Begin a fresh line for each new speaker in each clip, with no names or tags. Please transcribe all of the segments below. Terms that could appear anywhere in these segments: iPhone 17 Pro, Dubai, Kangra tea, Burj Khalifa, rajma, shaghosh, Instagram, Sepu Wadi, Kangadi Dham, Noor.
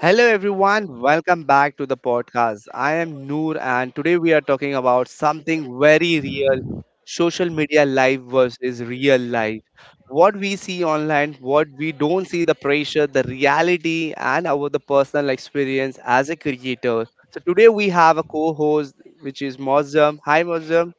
Hello everyone, welcome back to the podcast. I am Noor and today we are talking about something very real, social media life versus real life. What we see online, what we don't see, the pressure, the reality and our the personal experience as a creator. So today we have a co-host which is Mozum. Hi Mozum.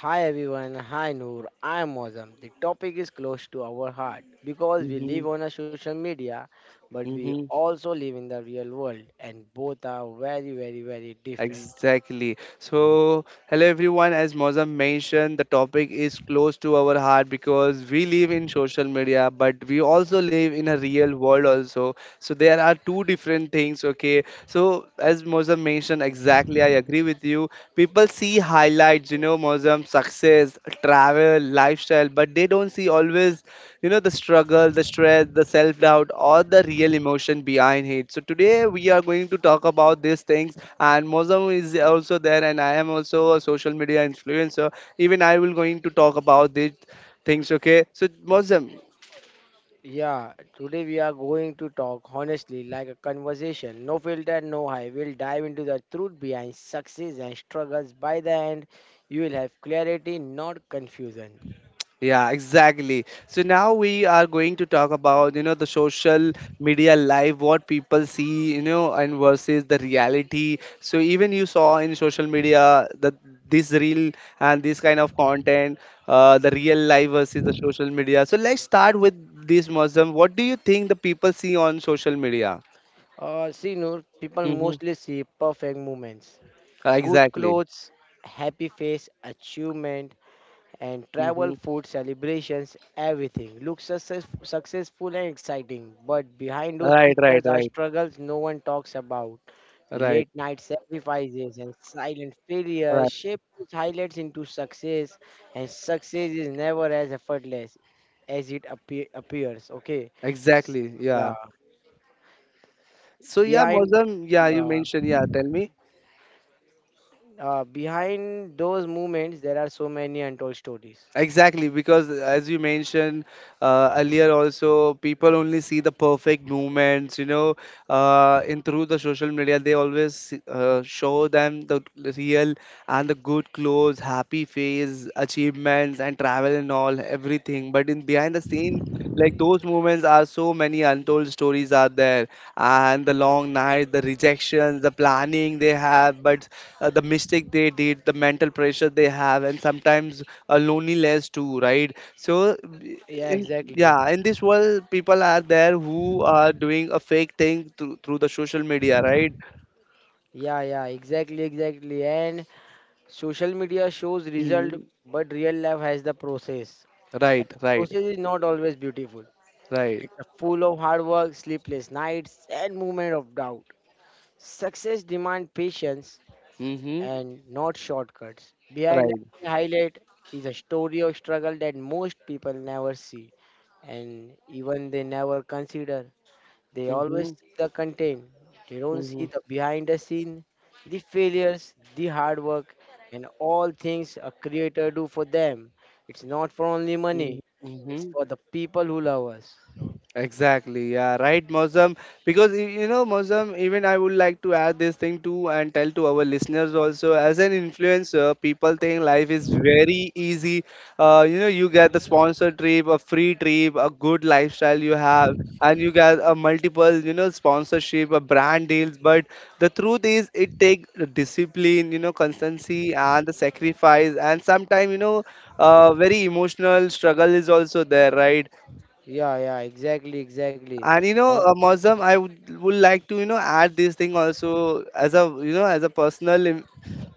Hi everyone, hi Noor, I am Mozam. The topic is close to our heart because we
Mm-hmm.
live on a social media but we also live in the real world and both are very very very different.
Exactly. So, hello everyone. As Mozam mentioned, the topic is close to our heart because we live in social media, but we also live in a real world also. So there are two different things. Okay. So as Mozam mentioned, exactly, I agree with you. People see highlights, you know, Mozam success, travel, lifestyle, but they don't see always, you know, the struggle, the stress, the self doubt or the real emotion behind hate. So today we are going to talk about these things and Mozam is also there and I am also a social media influencer. Even I will going to talk about these things. Okay, so Mozam.
Yeah, today we are going to talk honestly like a conversation. No filter, no high. We'll dive into the truth behind success and struggles. By the end, you will have clarity, not confusion.
Yeah, exactly. So now we are going to talk about, you know, the social media life, what people see, you know, and versus the reality. So even you saw in social media that this real and this kind of content, the real life versus the social media. So let's start with this Muslim. What do you think the people see on social media?
See Noor, people
Mm-hmm.
mostly see perfect moments, good
Exactly.
clothes, happy face, achievement, and travel,
Mm-hmm.
food, celebrations, everything looks successful and exciting. But behind those
Right, right,
pictures are
right,
struggles no one talks about.
right,
Late night sacrifices and silent failures
right.
shape those highlights into success, and success is never as effortless as it appears. Okay, S-
Exactly.
yeah.
Yeah. So yeah,
Behind,
Muslim. Yeah, you
uh,
mentioned. Yeah, tell me.
behind those moments, there are so many untold stories.
Exactly, because as you mentioned earlier, also people only see the perfect movements, you know, in through the social media. They always show them the real and the good clothes, happy face, achievements, and travel and all everything. But in behind the scenes, like those moments are so many untold stories are there, and the long night, the rejections, the planning they have, but the mistake they did, the mental pressure they have, and sometimes a loneliness too, right? So
Yeah,
in,
exactly.
yeah, in this world people are there who are doing a fake thing through the social media, right?
Yeah, yeah, exactly, exactly. And social media shows result,
Hmm.
but real life has the process.
Right, right,
Process is not always beautiful.
right.
It's a full of hard work, sleepless nights, and moment of doubt. Success demand patience
Mm-hmm.
and not shortcuts. Behind
Right.
every highlight is a story of struggle that most people never see, and even they never consider. They always
Mm-hmm,
see the content. They don't
mm-hmm,
see
mm-hmm.
the behind the scene, the failures, the hard work, and all things a creator do for them. It's not for only money. It's
Mm-hmm.
for the people who love us.
Exactly, yeah, right, Mozam. Because you know, Mozam, even I would like to add this thing too and tell to our listeners also. As an influencer, people think life is very easy. You know, you get the sponsor trip, a free trip, a good lifestyle you have, and you get a multiple, you know, sponsorship, a brand deals. But the truth is, it takes discipline, you know, constancy, and the sacrifice, and sometimes, you know, very emotional struggle is also there, right?
Yeah, yeah, exactly, exactly.
And you know,
And
Mozam, I would like to, you know, add this thing also as a, you know, as a personal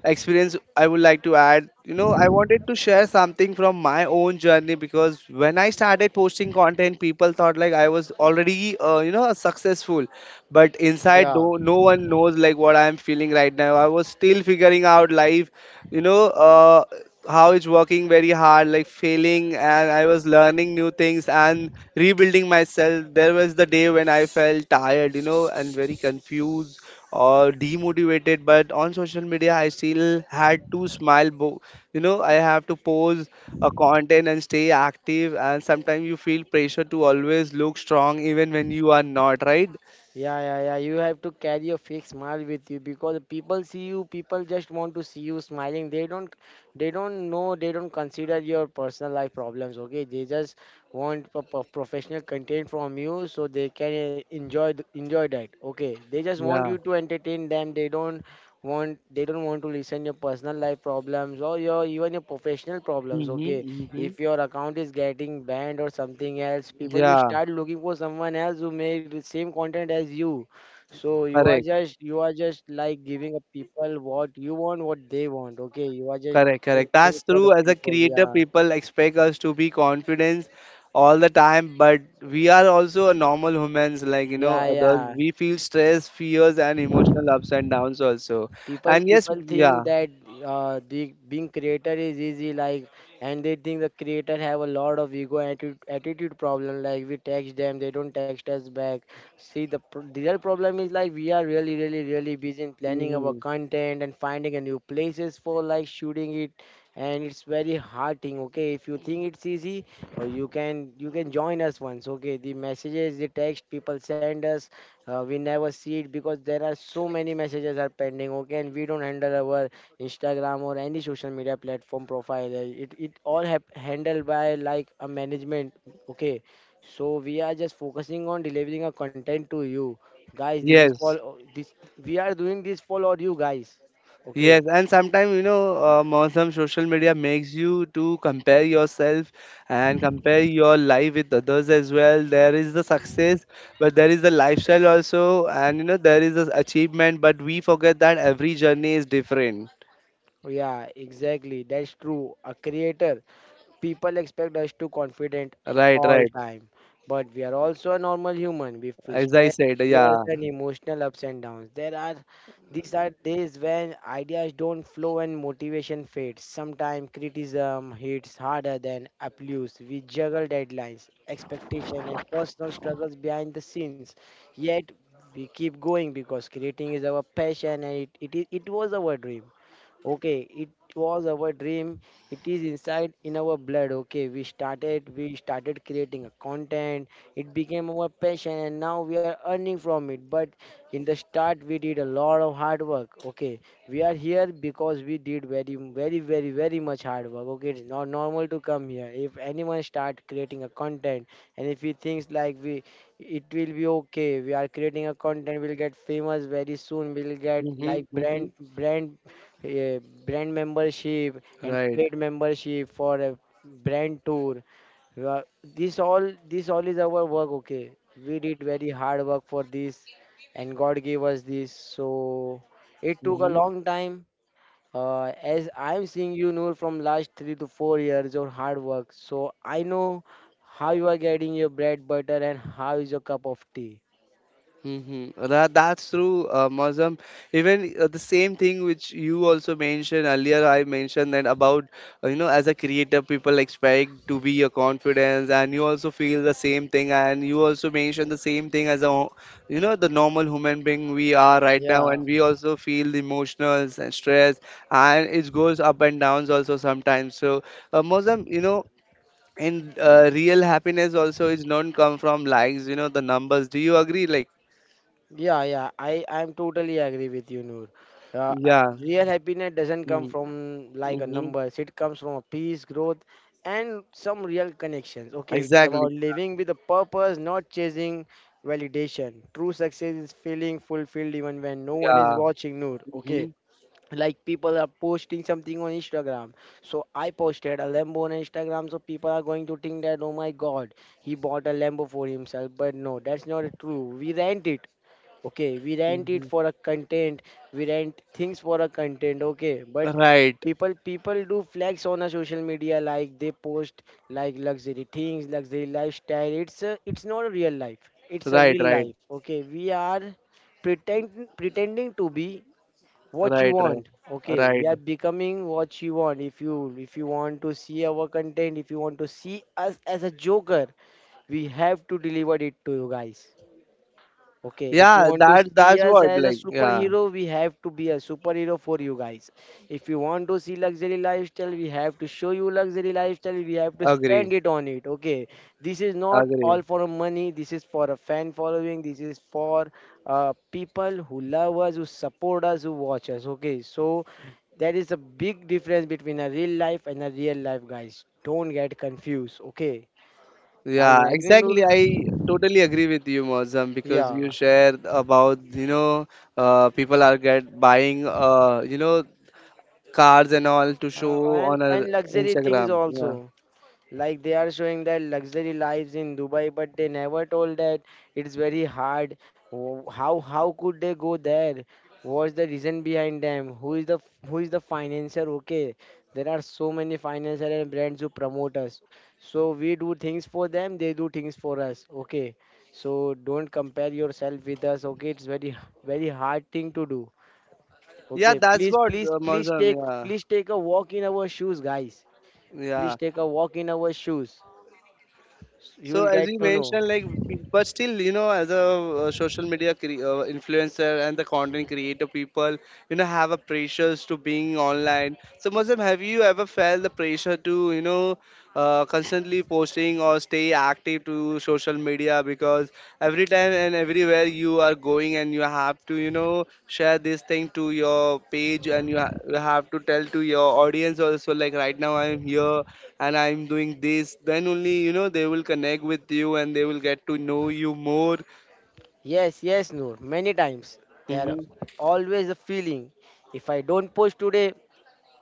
experience I would like to add. You know, I wanted to share something from my own journey because when I started posting content, people thought like I was already, you know, successful. But inside,
yeah,
no one knows like what I'm feeling right now. I was still figuring out life, you know, how it's working very hard, like failing, and I was learning new things and rebuilding myself. There was the day when I felt tired, you know, and very confused or demotivated, but on social media I still had to smile. You know, I have to post a content and stay active, and sometimes you feel pressure to always look strong even when you are not, right?
yeah, yeah, yeah. You have to carry a fake smile with you because people see you, people just want to see you smiling. They don't know, they don't consider your personal life problems. Okay, they just want professional content from you so they can enjoy that. Okay, they just want
Yeah.
you to entertain them. They don't want to listen your personal life problems or your even your professional problems.
Mm-hmm,
Okay,
mm-hmm.
if your account is getting banned or something else, people will
Yeah.
start looking for someone else who made the same content as you. So you are
Correct.
just, you are just like giving up people what you want, what they want. Okay, you are just
Correct,
doing
correct.
things
That's
for the
true. As a
people.
creator,
Yeah,
people expect us to be confident all the time, but we are also a normal humans, like, you know,
yeah,
others.
yeah,
We feel stress, fears, and emotional ups and downs also.
people
And yes,
people think
yeah.
that, the being creator is easy like, and they think the creator have a lot of ego and attitude problem, like we text them they don't text us back. See the, the real problem is like we are really really really busy in planning our
Mhm.
content and finding a new places for like shooting it, and it's very hard thing. Okay, if you think it's easy, or you can, you can join us once. Okay, the messages, the text people send us, we never see it because there are so many messages are pending, okay, and we don't handle our Instagram or any social media platform profile. It all have handled by like a management, okay. So we are just focusing on delivering a content to you, guys. This is for
Yes.
this. We are doing this for all you guys, okay.
Yes, and sometimes you know, on some social media makes you to compare yourself and compare your life with others as well. There is the success, but there is the lifestyle also, and you know, there is the achievement, but we forget that every journey is different.
Yeah, exactly. That's true. A creator, people expect us to confident
Right,
all
right.
time, but we are also a normal human. We feel
As
stress,
I said, yeah.
fears, and emotional ups and downs. There are These are days when ideas don't flow and motivation fades. Sometimes criticism hits harder than applause. We juggle deadlines, expectation, and personal struggles behind the scenes. Yet we keep going because creating is our passion and it was our dream. Okay, it was our dream. It is inside in our blood. Okay, we started creating a content. It became our passion, and now we are earning from it. But in the start, we did a lot of hard work. Okay, we are here because we did very, very, very, very much hard work. Okay, it's not normal to come here. If anyone start creating a content, and if he thinks like we, it will be okay. We are creating a content. We'll get famous very soon. We'll get
Mm-hmm,
like
mm-hmm.
uh, brand membership and
Right.
paid membership for a brand tour. This all is our work. Okay, we did very hard work for this, and God gave us this. So it took a
Mm-hmm.
long time. As I'm seeing you, Noor, from last 3 to 4 years of hard work, so I know how you are getting your bread butter and how is your cup of tea.
Mm-hmm. That's true, Mazam. Even the same thing which you also mentioned earlier, I mentioned that about, you know, as a creator, people expect to be a confidence, and you also feel the same thing, and you also mentioned the same thing as a, you know, the normal human being we are right now,
Yeah,
and we also feel the emotions and stress, and it goes up and downs also sometimes. So, Mazam, you know, and real happiness also is not come from likes, you know, the numbers. Do you agree? Like,
yeah, yeah, I'm totally agree with you, Noor. Uh, uh,
yeah.
real happiness doesn't come
Mm.
from like a
Mm-hmm.
numbers. It comes from a peace, growth, and some real connections. Okay, it's
Exactly.
about living with a purpose, not chasing validation. True success is feeling fulfilled even when no one is
Yeah.
watching, Noor.
Mm-hmm.
Okay, like people are posting something on Instagram. So I posted a lambo on Instagram, so people are going to think that, oh my god, he bought a lambo for himself, but no, that's not true. We rent it. Okay, we rent it
Mm-hmm.
for a content. We rent things for a content. Okay, but
Right.
people do flex on a social media, like they post like luxury things, luxury lifestyle. It's not a real life, it's a
Right.
real
Right.
life. Okay, we are pretend pretending to be what you
Right. Right.
want. Okay, we
Right.
are becoming what you want. If you, if you want to see our content, if you want to see us as a joker, we have to deliver it to you guys. Okay, if you
Yeah.
want to
That.
see
That's
us
what.
as a
Like. Yeah.
superhero, we have to be a superhero for you guys. If you want to see luxury lifestyle, we have to show you luxury lifestyle. We have to spend
Agree.
it on it. Okay, this is not
Agree.
all for money. This is for a fan following. This is for people who love us, who support us, who watch us. Okay, so there is a big difference between a real life and a real life, guys. Don't get confused. Okay, are
Yeah.
you agree,
Exactly.
Noor?
I totally agree with you, Mozam, because
Yeah.
you shared about, you know, people are get buying, you know, cars and all to show on our
And luxury things
Instagram.
also.
Yeah.
Like they are showing that luxury lives in Dubai, but they never told that it's very hard. How could they go there? What's the reason behind them? Who is the who is the financier? Okay, there are so many financier and brands who promote us. So we do things for them, they do things for us. Okay, so don't compare yourself with us. Okay, very hard thing to do.
Yeah.
Okay,
That's
please,
what,
please,
Mozam. Yeah.
please take a walk in our shoes, guys. Please
Yeah.
take a walk in our shoes. You
So
will
as
get
you
to know.
mentioned, like, but still, you know, as a social media influencer and the content creator, people, you know, have a pressures to being online. So, Muslim, have you ever felt the pressure to, you know, constantly posting or stay active to social media? Yeah, because every time and everywhere you are going, and you have to, you know, share this thing to your page, and you have to tell to your audience also, like right now I'm here and I'm doing this. Then only, you know, they will connect with you and they will get to know you more.
Yes, yes, Noor. Many times there
Hmm.
always a feeling. If I don't post today,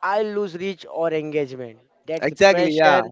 I lose reach or engagement. That's
Exactly. Yeah.
pressure,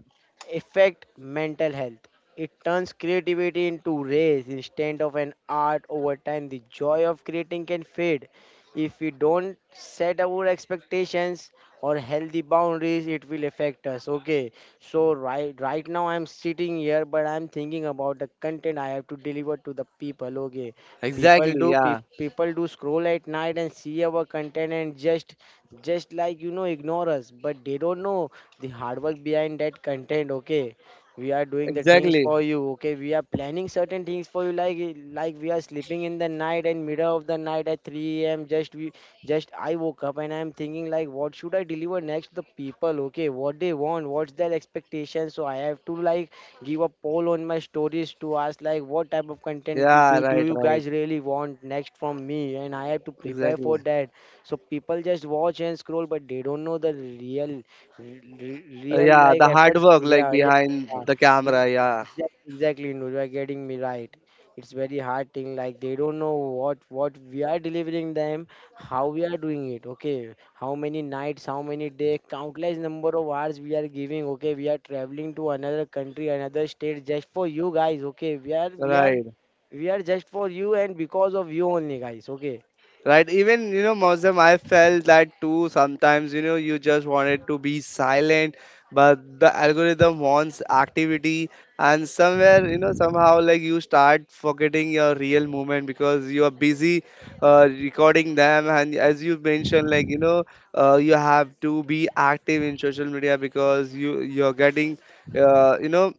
affect mental health. It turns creativity into race instead of an art over time. The joy of creating can fade. If we don't set our expectations or healthy boundaries, it will affect us. Okay. So right now I'm sitting here but I'm thinking about the content I have to deliver to the people. Okay. People
Exactly.
do
Yeah.
people do scroll at night and see our content and just like you know ignore us, but they don't know the hard work behind that content. Okay, we are doing the things
Exactly.
for you. Okay, we are planning certain things for you, like we are sleeping in the night and middle of the night at 3 a.m. Just we just, I woke up and I'm thinking like what should I deliver next to the people. Okay, what they want, what's their expectation, so I have to like give a poll on my stories to ask like what type of content do,
Yeah.
do, do
Right.
you
Right.
guys really want next from me, and I have to prepare for
Exactly.
that. So people just watch and scroll, but they don't know the real, real
Yeah.
like
The hard
efforts.
work, like
Yeah, yeah,
behind
yeah.
the
E-
camera. Yeah.
Exactly, exactly. No, you are getting me right. It's very hard thing. Like they don't know what we are delivering them, how we are doing it. Okay, how many nights, how many day, countless number of hours we are giving. Okay, we are traveling to another country, another state just for you guys. Okay, we are
Right.
we are just for you and because of you only, guys, okay.
Right, even you know, Mosam, I felt that too. Sometimes you know, you just wanted to be silent, but the algorithm wants activity, and somewhere you know, somehow like you start forgetting your real moment because you are busy recording them. And as you mentioned, like you know, you have to be active in social media because you're getting, you know,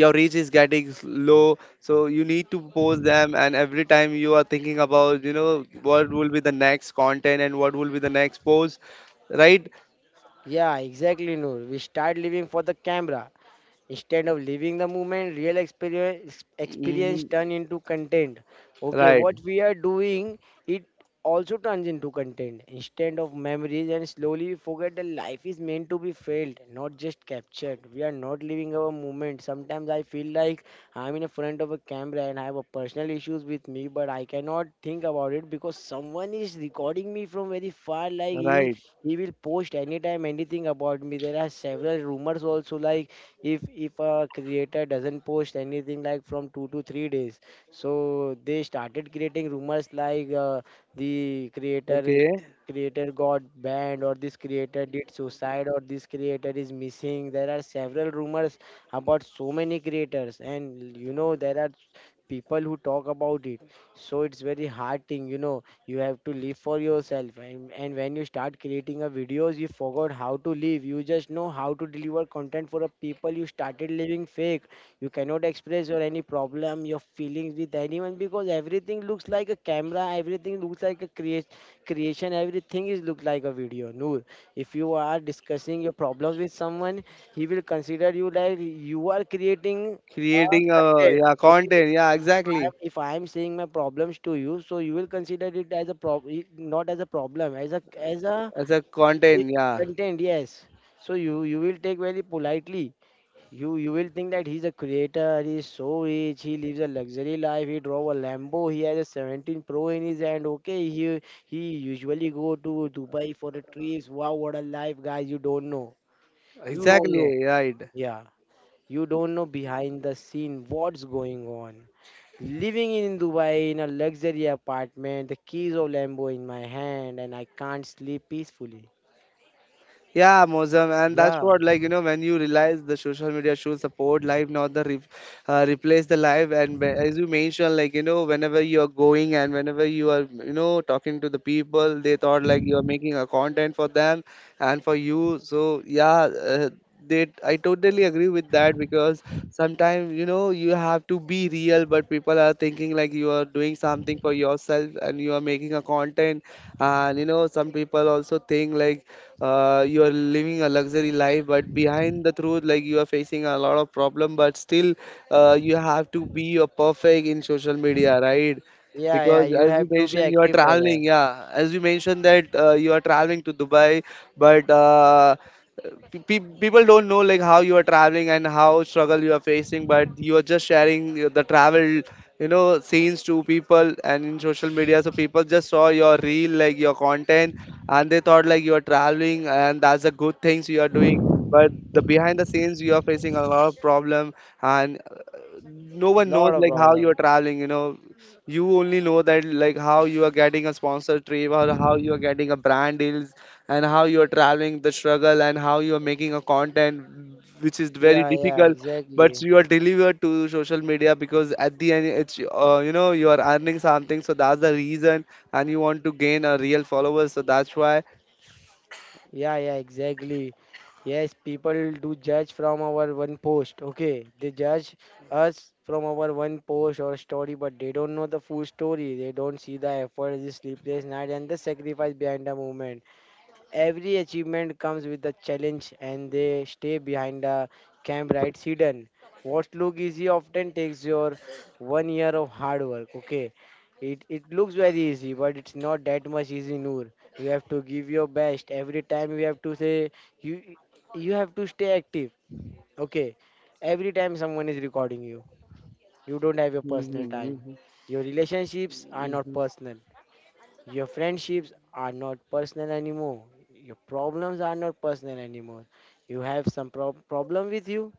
your reach is getting low, so you need to post them, and every time you are thinking about, you know, what will be the next content and what will be the next post, right?
Yeah, exactly, Noor. We start living for the camera. Instead of living the moment, real experience
Hmm.
turn into content. Okay,
Right,
what we are doing, it also turns into content. Instead of memories, and slowly we forget that life is meant to be felt, not just captured. We are not living our moment. Sometimes I feel like I'm in front of a camera and I have a personal issues with me, but I cannot think about it because someone is recording me from very far. Like he,
right.
he will post anytime anything about me. There are several rumors also, like if a creator doesn't post anything like from 2 to 3 days, so they started creating rumors like the creator
Okay.
creator got banned, or this creator did suicide, or this creator is missing. There are several rumors about so many creators, and you know there are people who talk about it. So it's very hard thing. You have to live for yourself, and when you start creating a videos, you forgot how to live. You just know how to deliver content for a people. You started living fake. You cannot express your any problem, your feelings, with anyone because everything looks like a camera, everything looks like a create creation, everything is look like a video, Noor. If you are discussing your problems with someone, he will consider you like you are creating a
Creating a,
content.
yeah,
Okay,
content, yeah, exactly.
I if I am saying my problems to you, so you will consider it as a problem, not as a problem, as a
As a content, yeah,
content. Yes. So you will take very politely. You will think that he's a creator. He's so rich. He lives a luxury life. He drove a Lambo. He has a 17 Pro in his hand. Okay. He usually go to Dubai for the trips. Wow, what a life, guys! You don't know. You don't know.
exactly, right.
Yeah. You don't know behind the scene what's going on. Living in Dubai in a luxury apartment, the keys of Lambo in my hand, and I can't sleep peacefully.
Yeah, Mozam, and that's
Yeah,
what, like, you know, when you realize the social media should support live, not the replace the live. And as you mentioned, like you know, whenever you are going and whenever you are, you know, talking to the people, they thought like you are making a content for them and for you. So yeah, uh, they, I totally agree with that because sometimes you know you have to be real, but people are thinking like you are doing something for yourself and you are making a content. And you know, some people also think like you are living a luxury life, but behind the truth, like you are facing a lot of problem. But still, you have to be a perfect in social media, right?
yeah, yeah.
Because
You
as you
have to be
mentioned, you are
active for
traveling.
them.
Yeah, as you mentioned that you are traveling to Dubai, but people don't know like how you are traveling and how struggle you are facing, but you are just sharing the travel, you know, scenes to people and in social media, so people just saw your reel like your content, and they thought like you are traveling and that's the good things you are doing, but the behind the scenes you are facing a lot of problem, and no one knows
Lot of
like how you are
problem.
traveling, you know. You only know that like how you are getting a sponsor trip or how you are getting a brand deals, and how you are traveling the struggle, and how you are making a content which is very
Yeah, yeah,
difficult, but
exactly.
you are delivered to social media because at the end it's, you know, you are earning something, so that's the reason, and you want to gain a real followers, so that's why.
Yeah, yeah, exactly. Yes, people do judge from our one post. Okay, they judge us from our one post or story, but they don't know the full story. They don't see the effort, the sleepless night, and the sacrifice behind the movement. Every achievement comes with a challenge, and they stay behind a camp, right, hidden. What look easy often takes your one year of hard work. Okay, it looks very easy, but it's not that much easy, Noor. You have to give your best every time. You have to you stay active. Okay, every time someone is recording you, you don't have your personal time.
Mhm,
Your relationships are not
mhm,
personal. Your friendships are not personal anymore. Your problems are not personal anymore. You have some problem with you.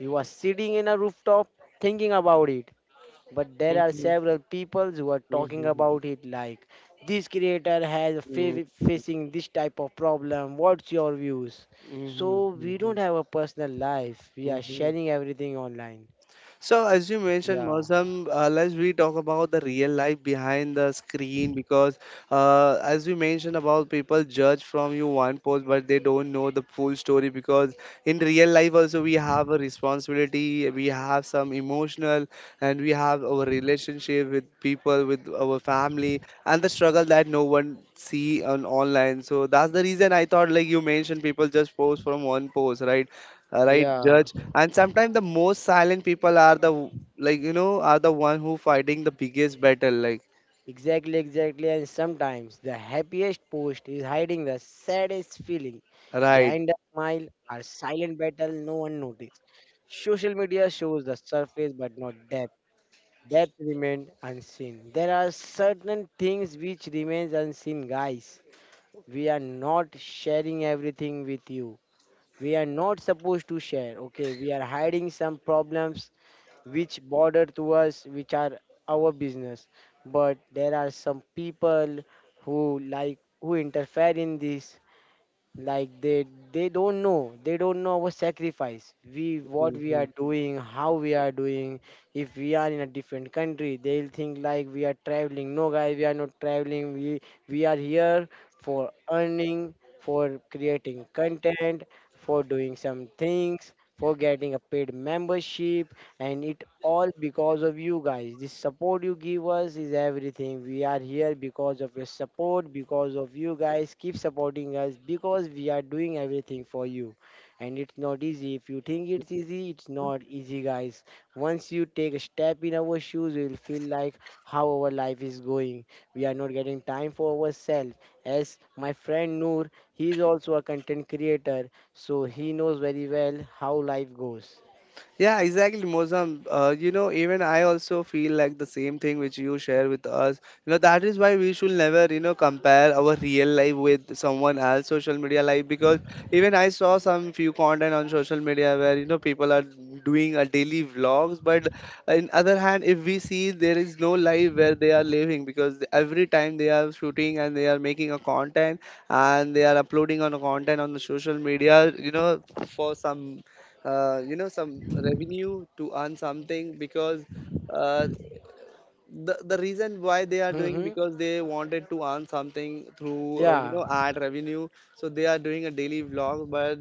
You are sitting in a rooftop thinking about it. But there
mhm,
are
mhm,
several people who are talking
mhm,
about it, like this creator has
mhm,
facing this type of problem. What's your views?
mhm,
So we don't
mhm,
have a personal life. We are
mhm, mhm.
sharing everything online.
So, as you mentioned,
Yeah.
Mozam, let's we talk about the real life behind the screen because, as you mentioned about people judge from you one post, but they don't know the full story because in real life also we have a responsibility, we have some emotional, and we have our relationship with people, with our family, and the struggle that no one see on online. So that's the reason. I thought like you mentioned people just post from one post, right? Right
Yeah.
judge, and sometimes the most silent people are the are the one who fighting the biggest battle, like
Exactly, exactly. And sometimes the happiest post is hiding the saddest feeling.
right.
Behind a smile or silent battle no one noticed. Social media shows the surface but not depth. Depth remains unseen. There are certain things which remains unseen, guys. We are not sharing everything with you. We are not supposed to share. Okay, we are hiding some problems which border to us, which are our business. But there are some people who like who interfere in this, like they don't know, they don't know our sacrifice. We what we are
Mhm.
doing, how we are doing. If we are in a different country, they'll think like we are traveling. No, guys, we are not traveling. We are here for earning, for creating content, for doing some things, for getting a paid membership, and it all because of you guys. The support you give us is everything. We are here because of your support, because of you guys. Keep supporting us because we are doing everything for you. And it's not easy. If you think it's easy, it's not easy, guys. Once you take a step in our shoes, you will feel like how our life is going. We are not getting time for ourselves. As my friend Noor, he is also a content creator, so he knows very well how life goes.
Yeah, exactly, Mozam. Even I also feel like the same thing which you share with us. You know, that is why we should never, compare our real life with someone else social media life, because even I saw some few content on social media where, you know, people are doing a daily vlogs, but in other hand, if we see there is no life where they are living, because every time they are shooting and they are making a content and they are uploading on a content on the social media, you know, for some some revenue to earn something. Because uh, the reason why they are doing,
Mm-hmm.
because they wanted to earn something through
Yeah.
ad revenue. So they are doing a daily vlog, but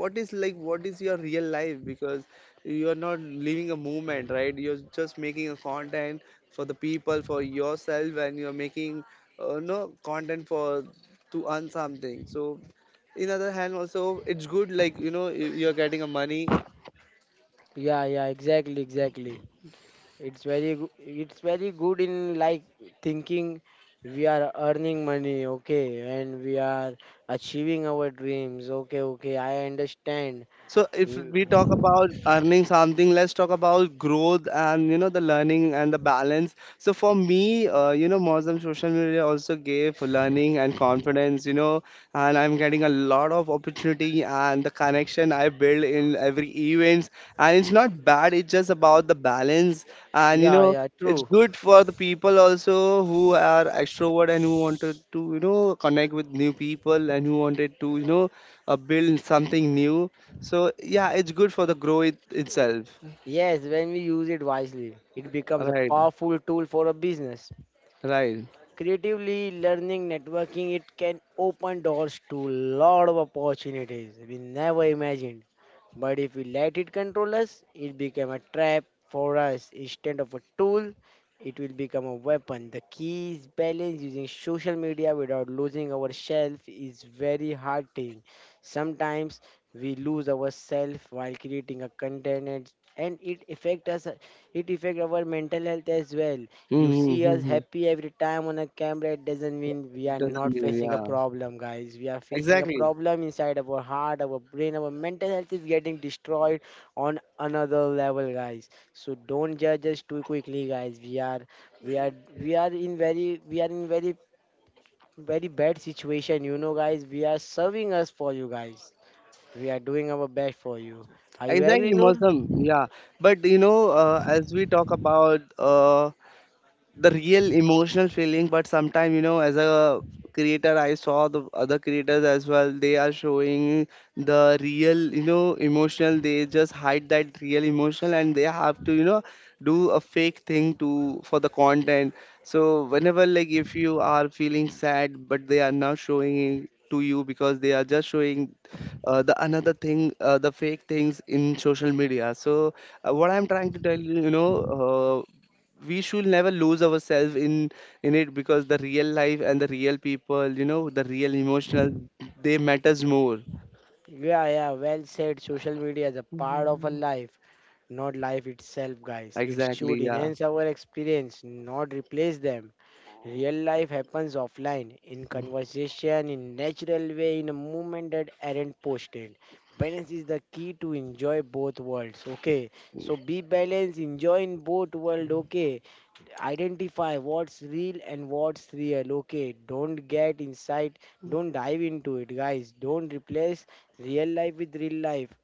what is like what is your real life? Because you are not living a movement, right? You're just making a content for the people, for yourself. And you're making no content for to earn something. So in other hand also it's good, like you know, you're getting a money.
Yeah, yeah, exactly, exactly. It's very good in like thinking we are earning money. Okay, and we are achieving our dreams. Okay, okay, I understand.
So if we
Mm.
talk about earning something, let's talk about growth and you know the learning and the balance. So for me, Muslim social media also gave learning and confidence. You know, and I'm getting a lot of opportunity and the connection I build in every events. And it's not bad. It's just about the balance. And you
Yeah,
know,
yeah,
it's
true.
good for the people also who are extrovert and who wanted to you know connect with new people and who wanted to build something new. So yeah, it's good for the growth itself.
Yes, when we use it wisely, it becomes a
Right,
powerful tool for a business.
right.
Creatively learning networking, it can open doors to lot of opportunities we never imagined. But if we let it control us, it become a trap for us instead of a tool. It will become a weapon. The key is balance. Using social media without losing ourselves is very hard thing. Sometimes we lose ourselves while creating a content, and it affect us, it affect our mental health as well. You see us
Mm-hmm.
happy every time on a camera, it doesn't mean we are not
Doesn't mean,
facing a
yeah.
problem, guys. We are facing a
Exactly,
problem inside of our heart, our brain, our mental health is getting destroyed on another level, guys. So don't judge us too quickly, guys. We are, we are, we are in very, we are in very, very bad situation, you know, guys. We are serving us for you, guys. We are doing our best for you. Are you agree,
exactly,
Noor?
Mosam. Yeah, but you know, as we talk about the real emotional feeling, but sometimes you know, as a creator, I saw the other creators as well, they are showing the real you know emotional. They just hide that real emotional, and they have to you know do a fake thing to for the content. So whenever, like, if you are feeling sad, but they are not showing it to you, because they are just showing the another thing, the fake things in social media. So what I'm trying to tell you, you know, we should never lose ourselves in it, because the real life and the real people, you know, the real emotional, they matters more.
Yeah, yeah, well said. Social media is a part of our life, not life itself, guys. It should
Exactly, yeah.
enhance our experience, not replace them. Real life happens offline, in conversation, in natural way, in a moment that aren't posted. Balance is the key to enjoy both worlds. Okay, so be balanced, enjoy in both world. Okay, identify what's real and what's real. Okay, don't get inside, don't dive into it, guys. Don't replace real life with real life.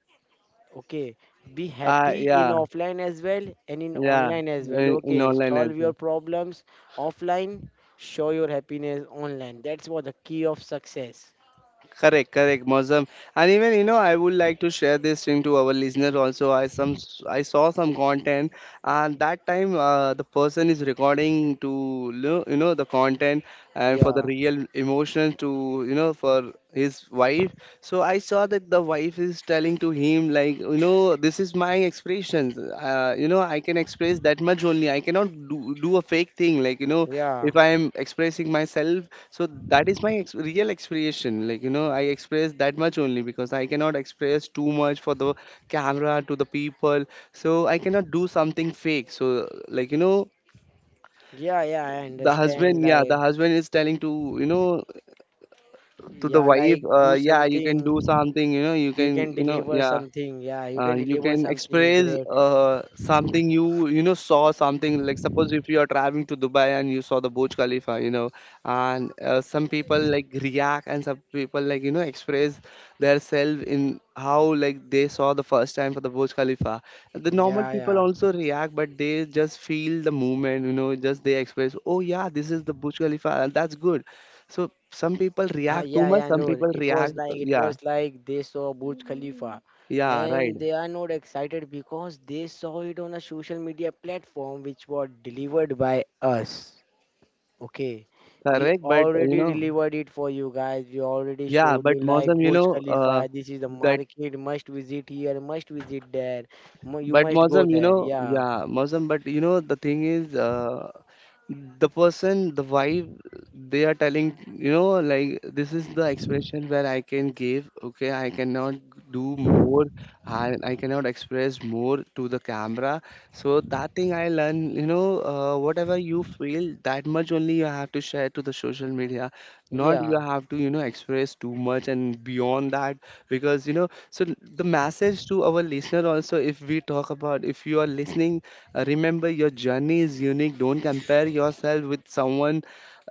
Okay, be happy in
Yeah,
offline as well and in
yeah,
online as well.
in
Okay,
online as
solve your
well.
problems offline, show your happiness online. That's what the key of success.
Correct, correct, Mozam. And even you know, I would like to share this thing to our listener also. I saw some content, and that time the person is recording to you know the content and for the
Yeah,
real emotions to you know for his wife. So I saw that the wife is telling to him, like, you know, so this is my expressions. You know, I can express that much only. I cannot do a fake thing. Like, you know,
yeah,
if I am expressing myself, so that is my ex real expression. Like, you know, I express that much only, because I cannot express too much for the camera, to the people. So I cannot do something fake. So, like, you know,
yeah, yeah, I
the
understand,
husband, yeah,
like
the husband is telling to, you know, to the
yeah,
wife,
like do
yeah, you
something.
can do something, you know, you
You
can,
can
you know,
deliver
yeah.
something, yeah, you can
You
deliver
can
something
express
great.
something. You know saw something, like, suppose if you are traveling to Dubai and you saw the Burj Khalifa, you know, and some people like react, and some people like you know express their self in how like they saw the first time for the Burj Khalifa. The
Yeah,
normal
yeah.
people also react, but they just feel the movement, you know, just they express, oh yeah, this is the Burj Khalifa, and that's good. So some people
Ah,
react too
yeah,
much,
yeah.
some
No,
people
it was
react.
like it
Yeah,
was like they saw Burj Khalifa,
yeah, right.
and they are not excited because they saw it on a social media platform which was delivered by us. Okay, we
Correct, but you
already
know.
delivered it for you guys. We already
Yeah,
showed
but
you like
Mozam, you
Burj
know,
Khalifa. This is the
that,
market. Must visit here. Must visit there. You
but
must go
Mozam, you
there.
know,
Yeah,
yeah, Mozam, but you know, the thing is, the person, the vibe, they are telling, you know, like, this is the expression where I can give, okay, I cannot do more, and I cannot express more to the camera. So that thing I learn, you know, whatever you feel, that much only you have to share to the social media. Not you
yeah.
have to, you know, express too much and beyond that. Because you know, so the message to our listener also, if we talk about, if you are listening, remember your journey is unique. Don't compare yourself with someone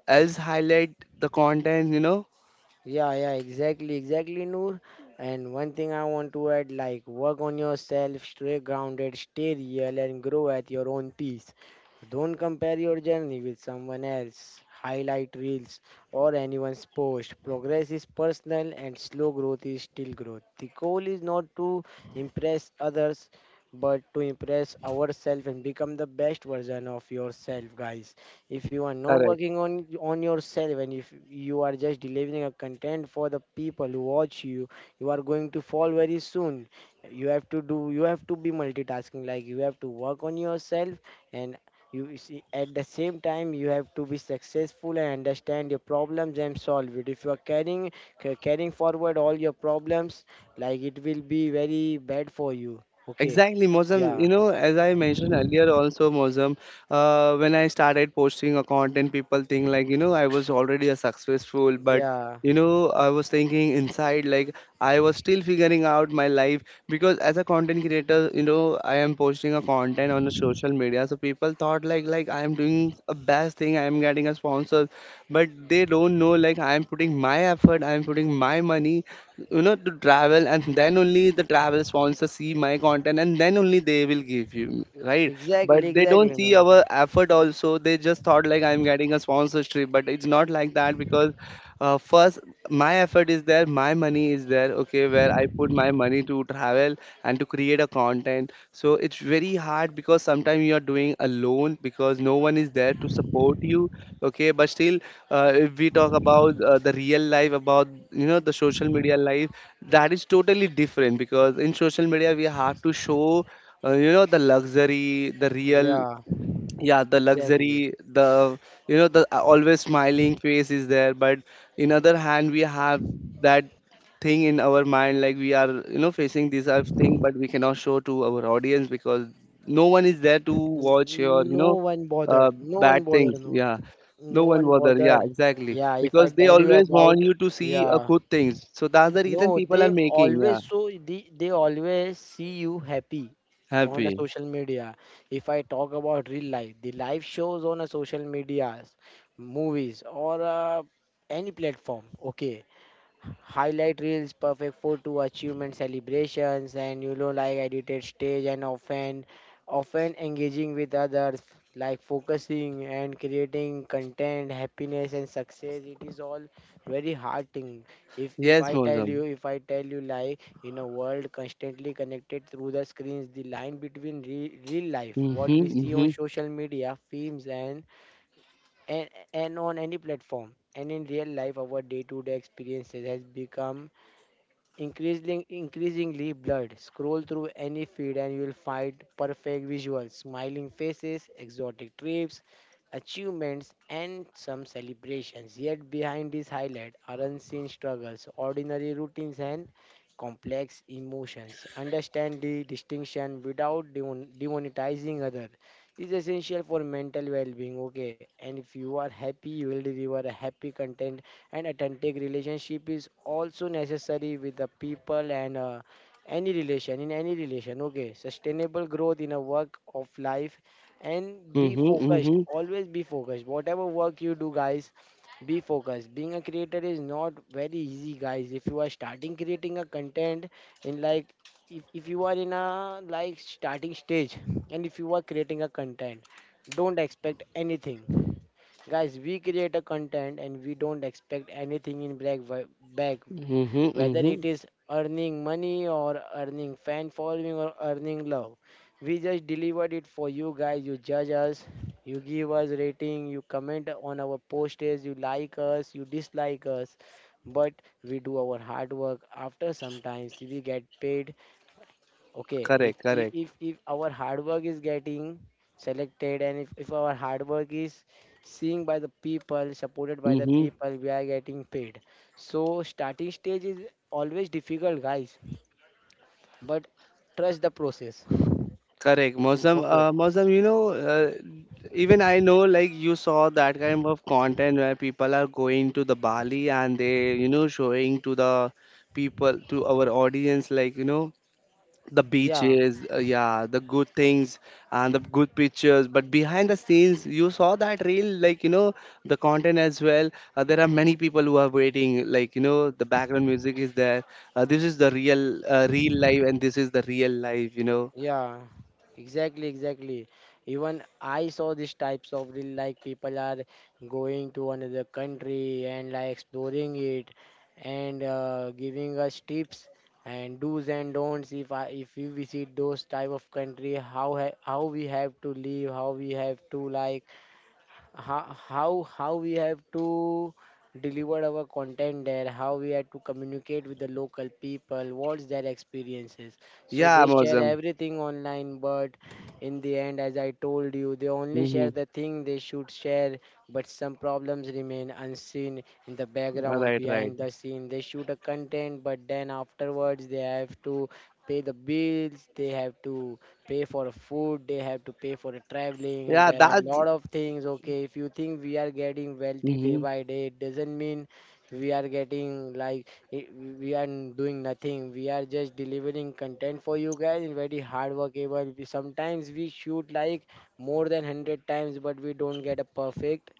else highlight the content, you know.
Yeah, yeah, exactly, exactly, Noor. And one thing I want to add, like work on yourself, stay grounded, stay real, and grow at your own pace. Don't compare your journey with someone else, highlight reels, or anyone's post. Progress is personal, and slow growth is still growth. The goal is not to impress others, but to impress ourselves and become the best version of yourself, guys. If you are not
Correct.
working on yourself, and if you are just delivering a content for the people who watch you, you are going to fall very soon. You have to do, you have to be multitasking, like you have to work on yourself, and you see at the same time you have to be successful and understand your problems and solve it. If you are carrying carrying forward all your problems, like it will be very bad for you. Okay,
Exactly, Mozam,
yeah,
you know, as I mentioned earlier also, Mozam, when I started posting a content, people think like you know I was already a successful, but
yeah,
you know I was thinking inside like I was still figuring out my life, because as a content creator you know I am posting a content on the social media, so people thought like I am doing a best thing, I am getting a sponsor. But they don't know, like, I am putting my effort, I am putting my money, you know, to travel, and then only the travel sponsor see my content, and then only they will give you right.
exactly,
But they don't
exactly,
see
no,
our effort also, they just thought like I'm getting a sponsorship, but it's not like that. Because first, my effort is there, my money is there, okay, where I put my money to travel and to create a content. So it's very hard, because sometimes you are doing alone, because no one is there to support you, okay, but still. If we talk about the real life about you know the social media life, that is totally different, because in social media we have to show you know the luxury, the real,
yeah.
yeah, the
Exactly.
luxury, the you know the always smiling face is there. But in other hand we have that thing in our mind, like we are you know facing this other thing, but we cannot show to our audience, because no one is there to watch your
N-
you
No
know
one bothered.
uh,
No one
bad things,
bothered. No,
yeah,
no
no one
one
bother, yeah,
bothered.
exactly,
Yeah, if I
because they
tell you
always want
about,
you to see a
yeah,
good things. So that's the reason
no,
people are
they
making, yeah,
always, so they always see you happy on a
happy.
social media. If I talk about real life, the live shows on a social media, movies, or any platform. Okay, highlight reels perfect for to achievement celebrations, and like edited stage, and often engaging with others like focusing and creating content, happiness and success, it is all very hard thing. if if
Yes,
i tell
Mozam.
you if I tell you, like, in a world constantly connected through the screens, the line between real life, what
Mm-hmm,
we see on
mm-hmm,
social media films and, and on any platform, and in real life, our day to day experiences has become increasingly blurred. Scroll through any feed and you will find perfect visuals, smiling faces, exotic trips, achievements and some celebrations. Yet behind these highlights are unseen struggles, ordinary routines and complex emotions. Understand the distinction without demonetizing others is essential for mental well-being. Okay, and if you are happy, you will deliver a happy content and authentic relationship is also necessary with the people, and any relation, in any relation. Okay, sustainable growth in a work of life, and be
mm-hmm,
focused,
mm-hmm.
always be focused, whatever work you do, guys. Be focused. Being a creator is not very easy, guys. If you are starting creating a content, in like, if you are in a like starting stage, and if you are creating a content, don't expect anything. Guys, we create a content and we don't expect anything in black wi- back,
Mm-hmm,
whether
mm-hmm.
it is earning money or earning fan following or earning love. We just delivered it for you, guys. You judge us, you give us rating, you comment on our posters, you like us, you dislike us, but we do our hard work. After sometimes we get paid. Okay, if
Correct,
if
correct.
if if our hard work is getting selected, and if our hard work is seen by the people, supported by the
Mm-hmm.
people, we are getting paid. So starting stage is always difficult, guys. But trust the process.
Correct, Mausam.
Okay.
Mausam, you know, even I know, like, you saw that kind of content where people are going to the Bali, and they, you know, showing to the people, to our audience, like, you know, the
Yeah.
beaches, yeah, the good things and the good pictures. But behind the scenes, you saw that real, like, you know, the content as well. There are many people who are waiting, like, you know, the background music is there. This is the real, real life, and this is the real life, you know.
Yeah, exactly, exactly. Even I saw these types of real like people are going to another country and like exploring it, and giving us tips and do's and don'ts. If I, if we visit those type of country, how how we have to live, how we have to deliver our content there, how we have to communicate with the local people, what's their experiences. So
Yeah,
they
I'm
share
awesome.
everything online, but in the end, as I told you, they only share
Mm-hmm.
the thing they should share. But some problems remain unseen in the background.
Right, right.
Behind the scene they shoot a content, but then afterwards they have to pay the bills, they have to pay for food, they have to pay for the traveling.
Yeah,
There are a
that's.
lot of things. Okay, if you think we are getting wealthy day
Mm-hmm.
by day, it doesn't mean we are getting like I- we are doing nothing. We are just delivering content for you guys in very hard workable. We, sometimes we shoot like more than 100 times, but we don't get a perfect.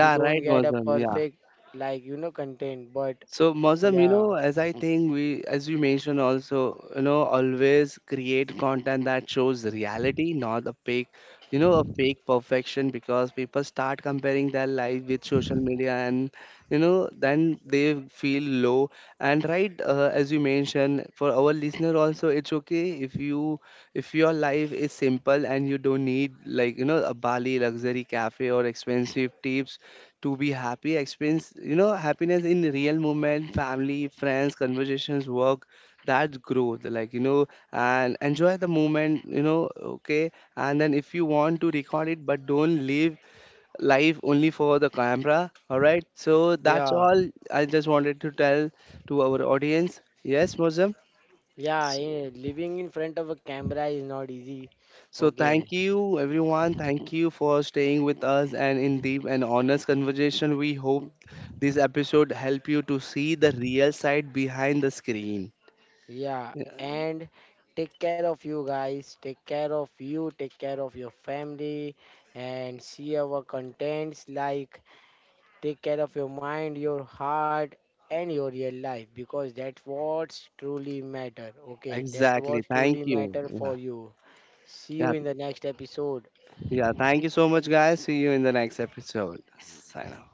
We don't
right,
get a
Mozam. Yeah.
perfect like you know content. But
So, Mozam, you
yeah,
know, as I think we, as you mentioned also, you know, always create content that shows reality, not a fake, you know, a fake perfection, because people start comparing their life with social media, and, you know, then they feel low. And right, as you mentioned, for our listener also, it's okay if you, if your life is simple and you don't need like, you know, a Bali luxury cafe or expensive tips to be happy. Experience, you know, happiness in real moment, family, friends, conversations, work. That's growth, like you know, and enjoy the moment, you know, okay. And then if you want to record it, but don't live life only for the camera. All right, so that's
yeah.
all I just wanted to tell to our audience. Yes, Mozam.
Yeah, living in front of a camera is not easy.
So thank
Okay.
you everyone. Thank you for staying with us and in deep and honest conversation. We hope this episode help you to see the real side behind the screen.
Yeah.
Yeah,
And take care of you guys. Take care of you. Take care of your family. And see our contents, like take care of your mind, your heart, and your real life because that's what's truly matter. Okay. That's
exactly.
what truly
Thank you.
matter for
Yeah.
you. See you
Yeah.
in the next episode.
Yeah. Thank you so much, guys. See you in the next episode. Sign off.